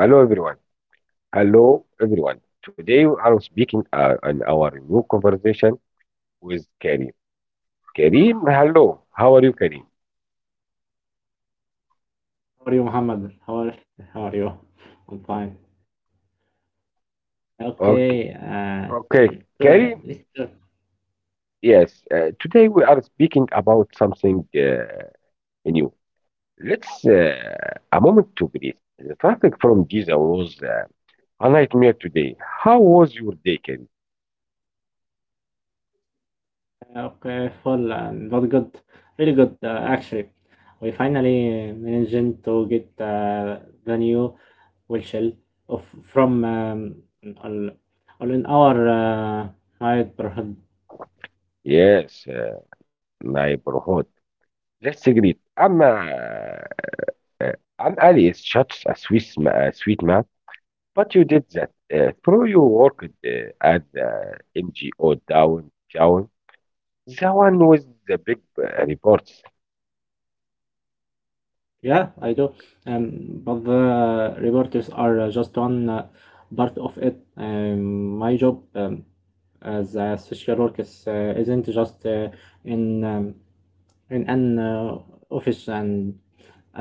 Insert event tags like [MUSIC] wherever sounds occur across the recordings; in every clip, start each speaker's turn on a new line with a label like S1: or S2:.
S1: Hello everyone. Hello everyone. Today we are speaking on our new conversation with Karim. Karim, hello. How are you, Karim?
S2: How are you, Muhammad? How are you? I'm fine.
S1: Okay,
S2: Okay,
S1: okay,
S2: it,
S1: Karim.
S2: it
S1: Yes. Today we are speaking about something new. Let's a moment to breathe. The traffic from Giza was a nightmare today. How was your day, Karim?
S2: okay, full and not good, really good actually. We finally managed to get the new whistle of from on, on our night perhaps.
S1: Yes, neighborhood. Let's agree. I'm Ali. It's such a sweet, a sweet man. But you did that through your work at the NGO Down. The one with the big reports.
S2: Yeah, I do. But the reporters are just one part of it. My job. As a social work isn't just in um, in an office and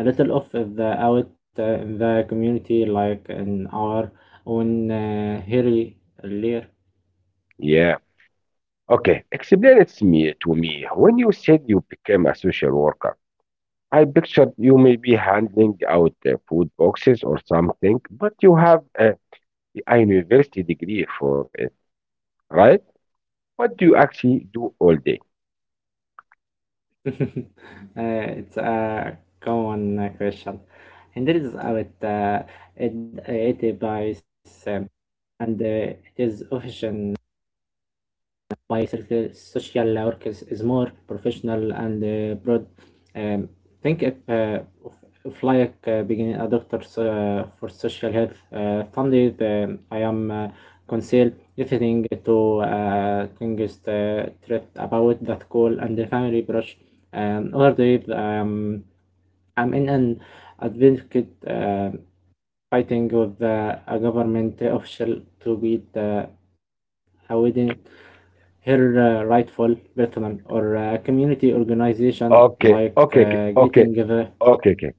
S2: a little of the out in the community, like in our own hairy layer.
S1: Yeah. Okay, explain it to me. When you said you became a social worker, I pictured you maybe handing out food boxes or something, but you have a university degree for it, right? What do you actually do all day?
S2: [LAUGHS] It's a common question, and there is out it by um, and it is official by social work is, more professional and broad. Um, think if, like being a doctor so, for social health, Sunday the, I am conceal everything to things threat about that goal and the family brush. Other day I'm in an advocate fighting with a government official to beat the Hawaiian her rightful Bethlehem or a community organization
S1: Okay,
S2: like
S1: okay,
S2: getting
S1: okay, okay,
S2: the
S1: okay, okay,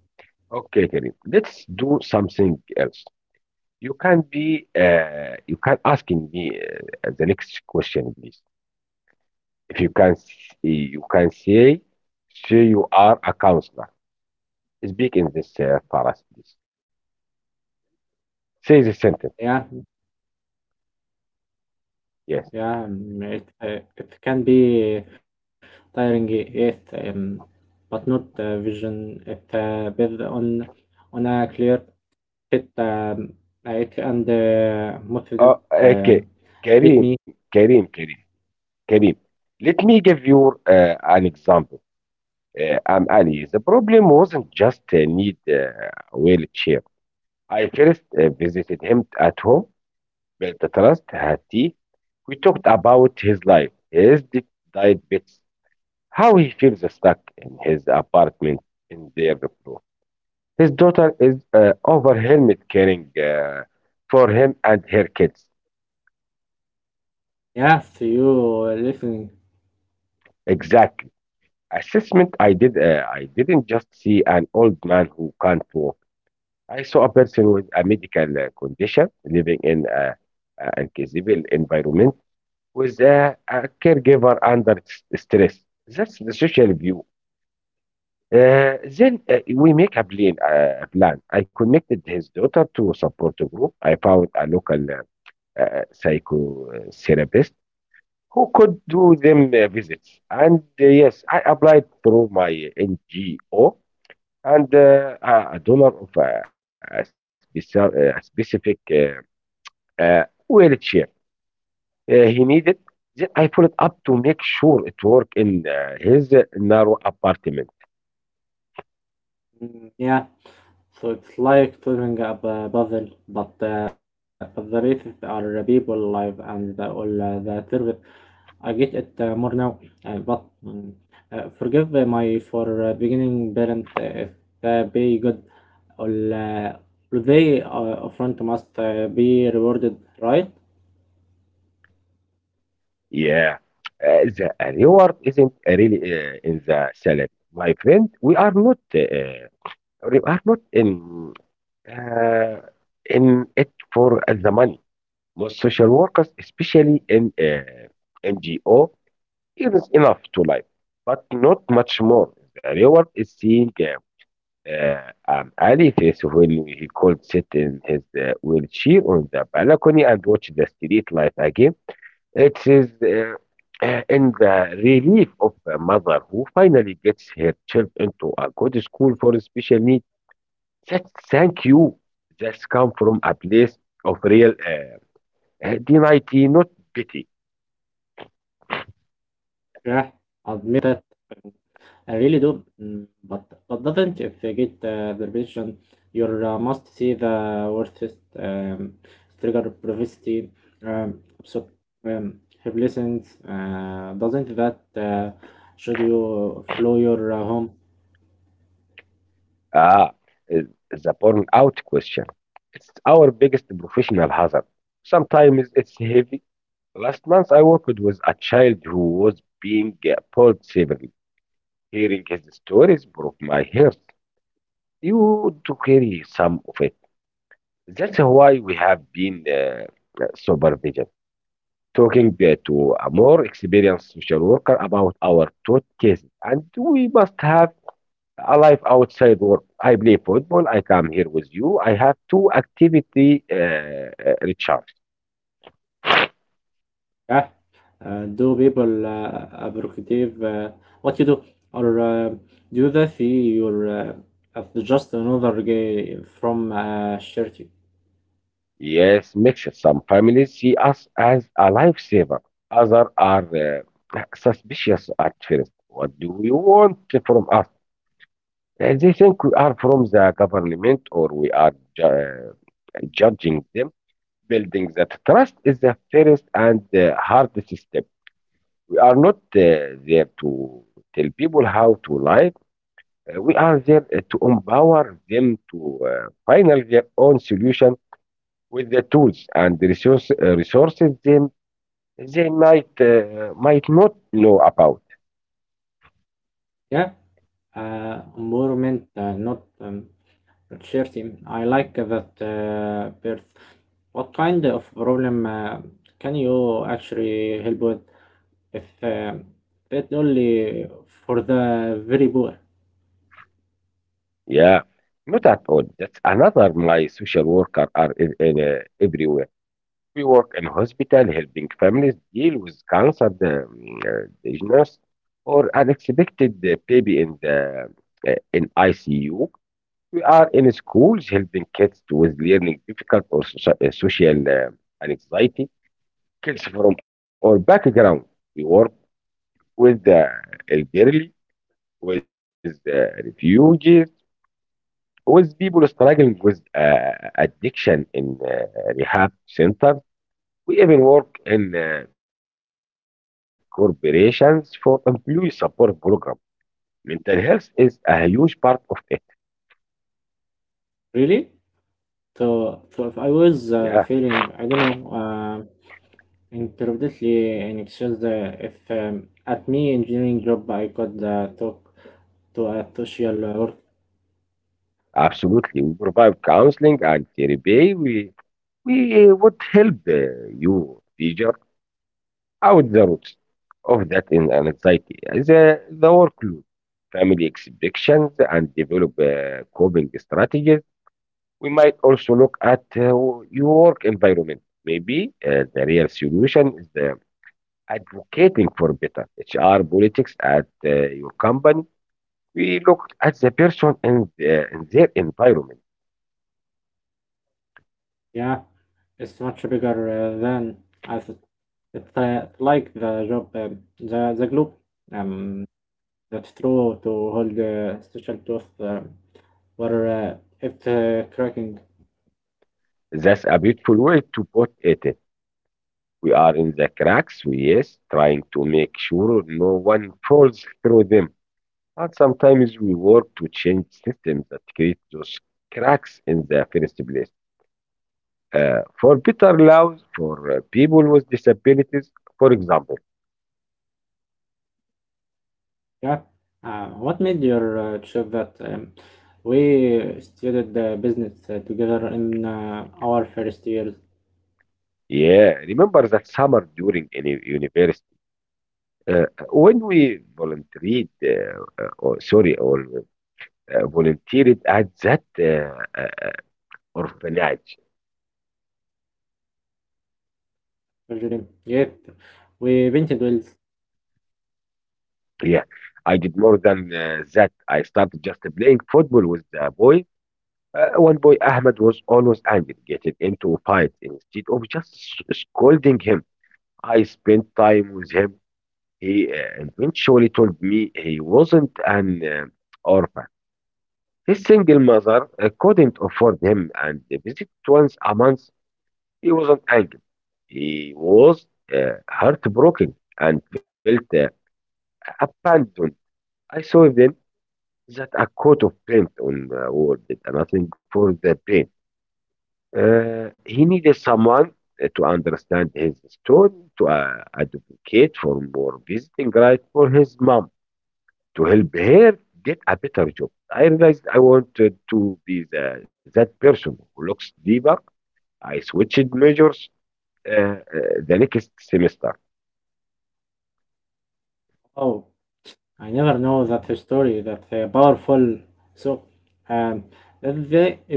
S1: okay, Karim. Let's do something else. You can you can asking me the next question, please. If you can, s- you can say, say you are a counselor. Speak in this phrase, please. Say the sentence.
S2: yeah
S1: Yes.
S2: yeah it can be tiring, yes, but not vision it build on a clear fit, it and model. um,
S1: Okay.
S2: Let me
S1: Karim, Karim, Karim, Karim. Let me give you an example. I'm Ali. The problem wasn't just a need wheelchair. I first visited him at home. Well, the trust Hati, we talked about his life, diet bits, how he feels stuck in his apartment in Deirflow. His daughter is overwhelmed caring for him and her kids.
S2: yeah see you listening.
S1: Exactly. Assessment I did. I didn't just see an old man who can't walk. I saw a person with a medical condition living in a uncivil environment with a caregiver under stress. That's the social view. Then we make a plan. I connected his daughter to a support group. I found a local psychotherapist who could do them visits. And yes, I applied through my NGO and a donor of a specific uh, wheelchair he needed. Then I followed up to make sure it worked in his narrow apartment.
S2: Mm, yeah. So it's like solving a puzzle, but the races are people alive and the all the service. I get it more now, but forgive my for beginning parent if they be good or they upfront must be rewarded, right?
S1: Yeah, the reward isn't really in the salary, my friend. We are not in uh, in it for the money. Most social workers, especially in NGO, earns enough to live, but not much more. The reward is seeing Ali face when he could sit in his wheelchair on the balcony and watch the street light again. It is in the relief of a mother who finally gets her child into a good school for special needs. Just thank you. Just come from a place of real dignity, not pity.
S2: Yeah, admit that. I really do, but doesn't if you get the vision, you must see the worthest, trigger privacy, so have listened. Doesn't that should you flow your home?
S1: Ah, uh, the burnout question. It's our biggest professional hazard. Sometimes it's heavy. Last month, I worked with a child who was being pulled severely. Hearing his stories broke my heart. You to carry some of it. That's why we have been supervision, talking to a more experienced social worker about our taught cases. And we must have a life outside work. I play football. I come here with you. I have two activity recharge.
S2: Yeah, do people appreciate what you do, or do they see your as just another guy from charity?
S1: Yes, mix. Some families see us as a lifesaver. Others are suspicious at first. What do you want from us? They think we are from the government or we are judging them. Building that trust is the first and hardest step. We are not there to tell people how to live. We are there to empower them to find their own solution with the tools and the resources them they might not know about.
S2: Yeah, environment, not. Charity, I like that birth. What kind of problem can you actually help with if that only for the very poor?
S1: Yeah, not at all. That's another my social worker are everywhere. We work in hospital helping families deal with cancer diagnosis or unexpected baby in the in ICU. We are in schools helping kids with learning difficult or social anxiety. Kids from all backgrounds. We work with the elderly, with the refugees, with people struggling with addiction in rehab centers. We even work in corporations for employee support program. Mental health is a huge part of it.
S2: Really? So if I
S1: Yeah,
S2: was feeling, I don't know, intermittently in exchange, if at me engineering job I could talk to a social worker.
S1: absolutely. We provide counseling and therapy. We would help you figure out the roots of that in an anxiety, the workload, family expectations, and develop coping strategies. We might also look at your work environment. Maybe the real solution is the advocating for better HR politics at your company, we looked at the person and and their environment.
S2: Yeah, it's much bigger than I thought. It's like the job, the globe, um, that's true to hold the special tooth where it cracking.
S1: That's a beautiful way to put it. We are in the cracks, we yes, trying to make sure no one falls through them. And sometimes we work to change systems that create those cracks in the first place. For better laws for people with disabilities, for example.
S2: Yeah. What made your trip that we studied the business together in our first year?
S1: Yeah, remember that summer during any university. Uh, when we volunteered, or sorry, or volunteered at that orphanage,
S2: Virginia. Yep, we painted wheels.
S1: yeah, I did more than that. I started just playing football with the boy. One boy, Ahmed, was always angry, getting into fights instead of just scolding him. I spent time with him. He eventually told me he wasn't an orphan. His single mother couldn't afford him and they visit once a month. He wasn't angry. He was heartbroken and felt abandoned. I saw then that a coat of paint on the wall did nothing for the pain. He needed someone to understand his story, to advocate for more visiting rights for his mom, to help her get a better job. I realized I wanted to be that person who looks deeper. I switched majors uh, uh, the next semester.
S2: Oh, I never know that story. That powerful. So, um, is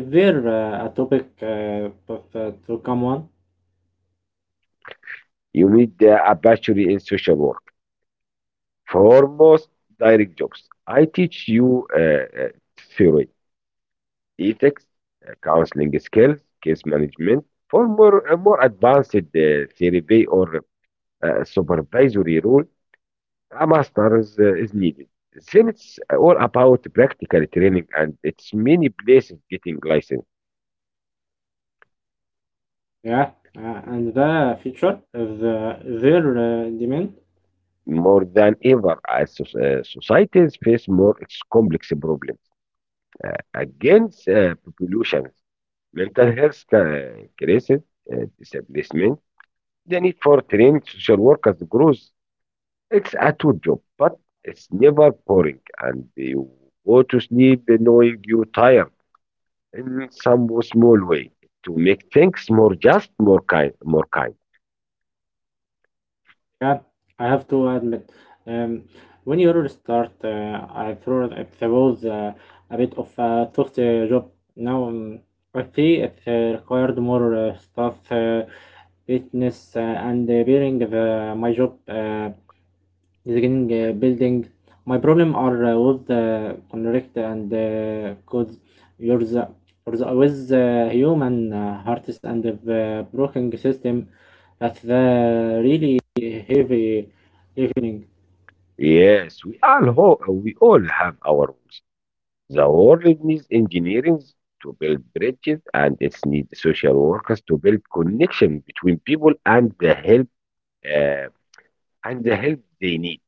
S2: they're a topic that to come on?
S1: You need a bachelor in social work. For most direct jobs, I teach you theory, ethics, counseling skills, case management. For more advanced therapy or supervisory role, a master's is needed. Then it's all about practical training, and it's many places getting licensed
S2: Yeah, and the future is their demand.
S1: more than ever as societies face more complex problems against population. Mental health increased displacement. The need for trained social workers grows. It's a tool job, but it's never boring, and you go to sleep knowing you're tired in some small way to make things more just, more kind, more kind.
S2: Yeah, I have to admit, um, when you start, I thought it was a bit of a tough job. Now I see it required more staff, fitness, and bearing the, my job. Is getting building. My problem are with the conflict and cause you're the, you're the with the human hearts and the broken system that's the really heavy evening.
S1: Yes, we all we all have our rules. The world needs engineering to build bridges, and it needs social workers to build connection between people and the help. Uh, and the help they need.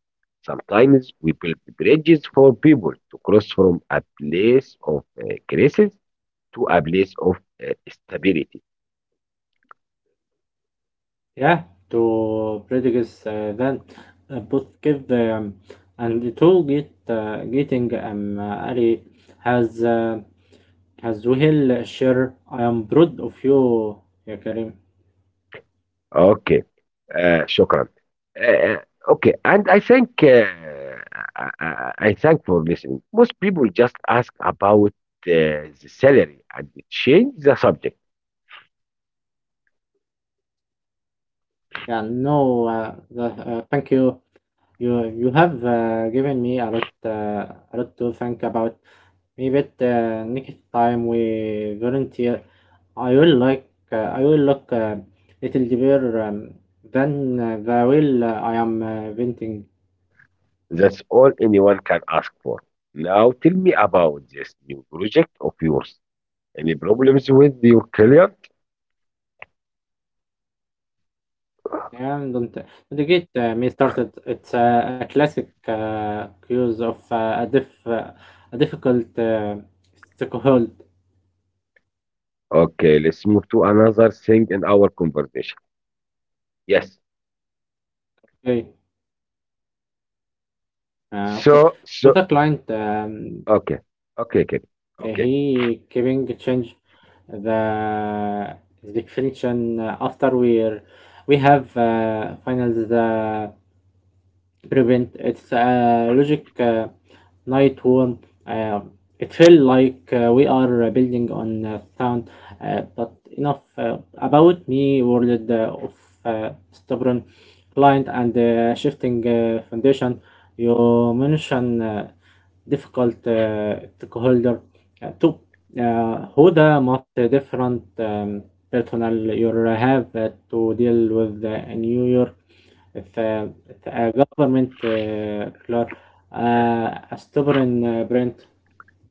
S1: Sometimes we build bridges for people to cross from a place of crisis to a place of stability.
S2: Yeah, to predict then both give the, and to get getting Ali has uh, has will share. I am proud of you, ya Karim.
S1: Okay, shukran. Uh, uh, okay, and I think I thank for listening. Most people just ask about the salary and change the subject.
S2: Yeah, no, thank you. You have given me a lot to think about. Maybe next time we volunteer, I will look little deeper, than the will I am venting.
S1: That's all anyone can ask for. Now tell me about this new project of yours. Any problems with your career?
S2: Yeah, don't get me started. It's a classic case of a difficult stakeholder.
S1: Okay, let's move to another thing in our conversation. Yes.
S2: Okay, okay.
S1: So,
S2: To the
S1: so,
S2: client.
S1: okay. Okay, okay, Okay.
S2: He keeping change the definition after we have finals the prevent. It's a logic night worm. Uh, it felt like we are building on sound, but enough about me. World of stubborn client and shifting foundation. You mention difficult stakeholder to who the most different personal you have to deal with in New York. في في government clerk, a stubborn brand.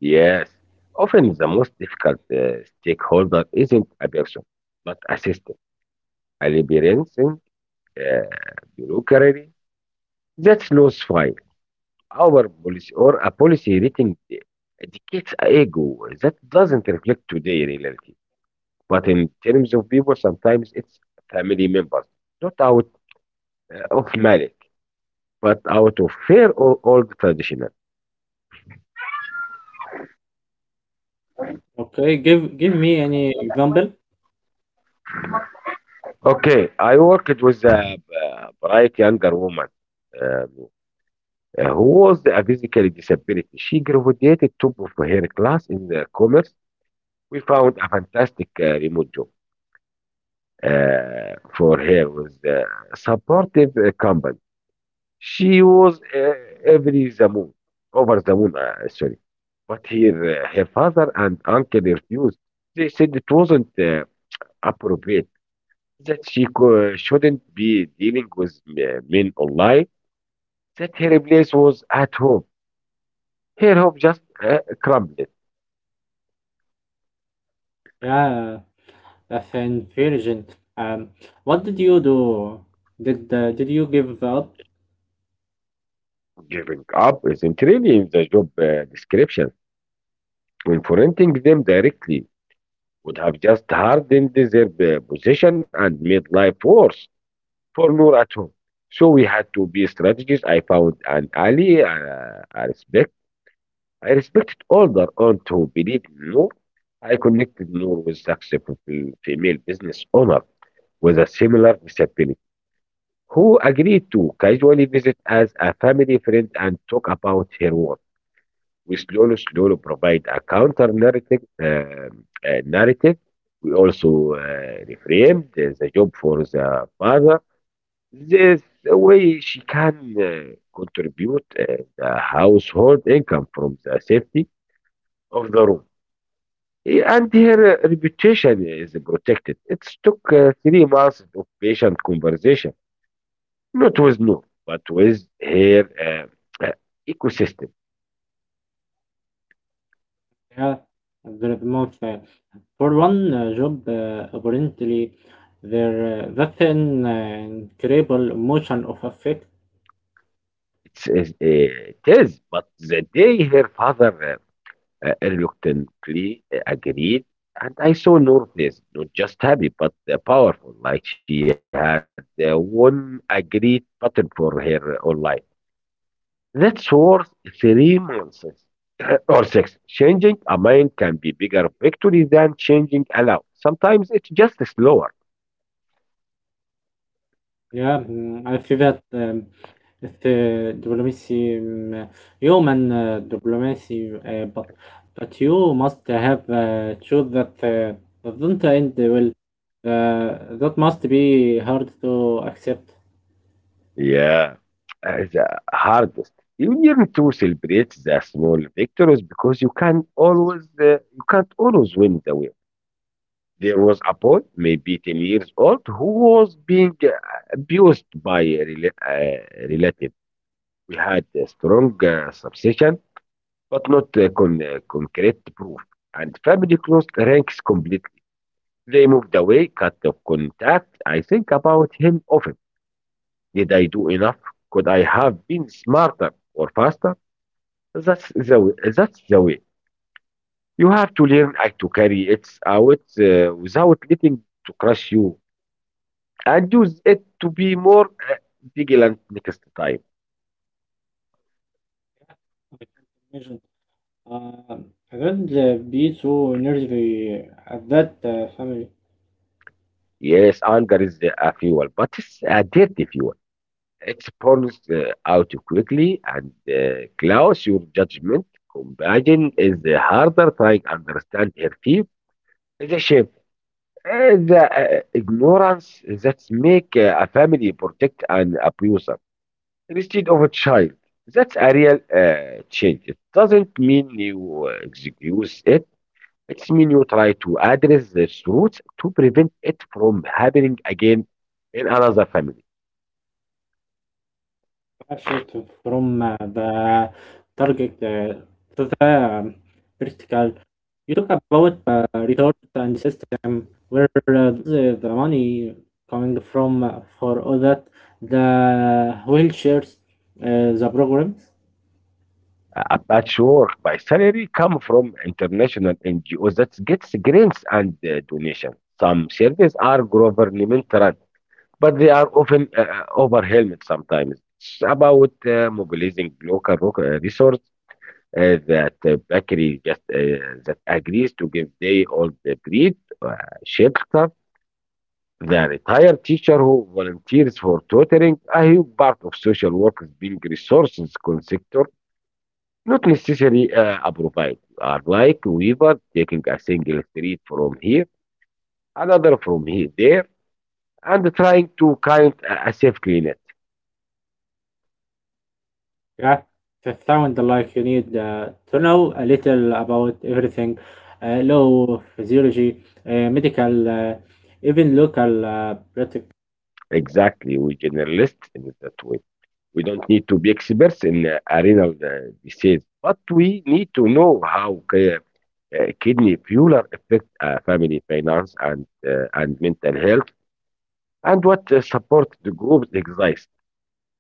S1: Yes. Often the most difficult stakeholder isn't a person, but a system. A liberalizing uh, bureaucracy that slows file, our policy, or a policy rating educates a ego that doesn't reflect today reality. But in terms of people, sometimes it's family members, not out of money but out of fear or old traditional.
S2: Okay, give me any example.
S1: Okay, I worked with a bright younger woman um, who was a physically disability. She graduated top of her class in the commerce. We found a fantastic remote job for her with a supportive company. She was every the moon, over the moon, sorry. But here, her father and uncle refused. They said it wasn't appropriate. Shouldn't be dealing with men online, that her place was at home. Her home just crumbled.
S2: Yeah, a fan virgin. Um, what did you do? Did you give up?
S1: Giving up isn't really in the job description. Confronting them directly would have just hardened their position and made life worse for Noor at home. So we had to be strategists. I found an ally . I respected older aunt who believed in Noor. I connected Noor with successful female business owner with a similar disability, who agreed to casually visit as a family friend and talk about her work. We slowly, slowly provide a counter narrative. We also reframed the job for the father. This way, she can contribute the household income from the safety of the room. And her reputation is protected. It took 3 months of patient conversation, not with no, but with her ecosystem.
S2: Yeah, the most for one job. Apparently, there that incredible emotion of affect.
S1: It is, but the day her father reluctantly agreed, and I saw Northless not just happy but powerful, like she had one agreed pattern for her whole life. That's worth 3 months or six. Changing a mind can be bigger victory than changing a law. Sometimes it's just slower.
S2: Yeah, I feel that, if diplomacy, human diplomacy, but you must have choose that that not end well. That must be hard to accept.
S1: Yeah, the hardest. You learn to celebrate the small victories because you can't always win the wheel. There was a boy, maybe 10 years old, who was being abused by a relative. We had a strong suspicion, but not concrete proof. And family closed ranks completely. They moved away, cut off contact. I think about him often. Did I do enough? Could I have been smarter or faster? That's the way. You have to learn how to carry it out without letting it to crush you, and use it to be more vigilant next time.
S2: I can't imagine. Uh, I don't be so nervy at that family.
S1: Yes, anger is a fuel, but it's a dirty fuel. It burns out quickly and clouds your judgment. Compassion is harder. Trying to understand her fear is a shame. The ignorance that make a family protect an abuser instead of a child. That's a real change. It doesn't mean you excuse it. It means you try to address the roots to prevent it from happening again in another family.
S2: I shift from the target to the vertical. You talk about return and system where the money coming from for all that the wheelchairs, the programs.
S1: A patchwork by salary come from international NGOs that gets grants and donations. Some services are government run, but they are often overwhelmed sometimes. It's about mobilizing local resource that bakery just that agrees to give day old breed uh, shelter. The retired teacher who volunteers for tutoring, a huge part of social work is being resources sector, not necessarily a provide. Are like Weaver taking a single thread from here, another from here, there, and trying to count a safe cleaner.
S2: Yeah, it sound like you need to know a little about everything, law, physiology, medical, even local practice.
S1: Exactly. We generalist in that way. We don't need to be experts in renal disease, but we need to know how kidney failure affect family finance and mental health, and what support the groups exist.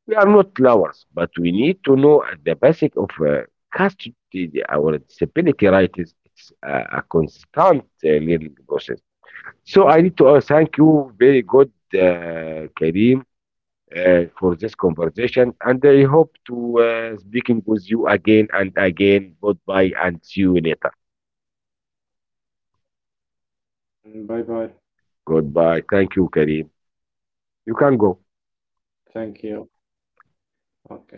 S1: We are not lawyers, but we need to know the basic of custody, our disability rights. It's a constant learning process. So I need to thank you. Very good, Karim for this conversation, and I hope to speaking with you again and again. Goodbye, and see you later.
S2: Bye bye.
S1: Goodbye. Thank you, Karim. You can go.
S2: Thank you. Okay.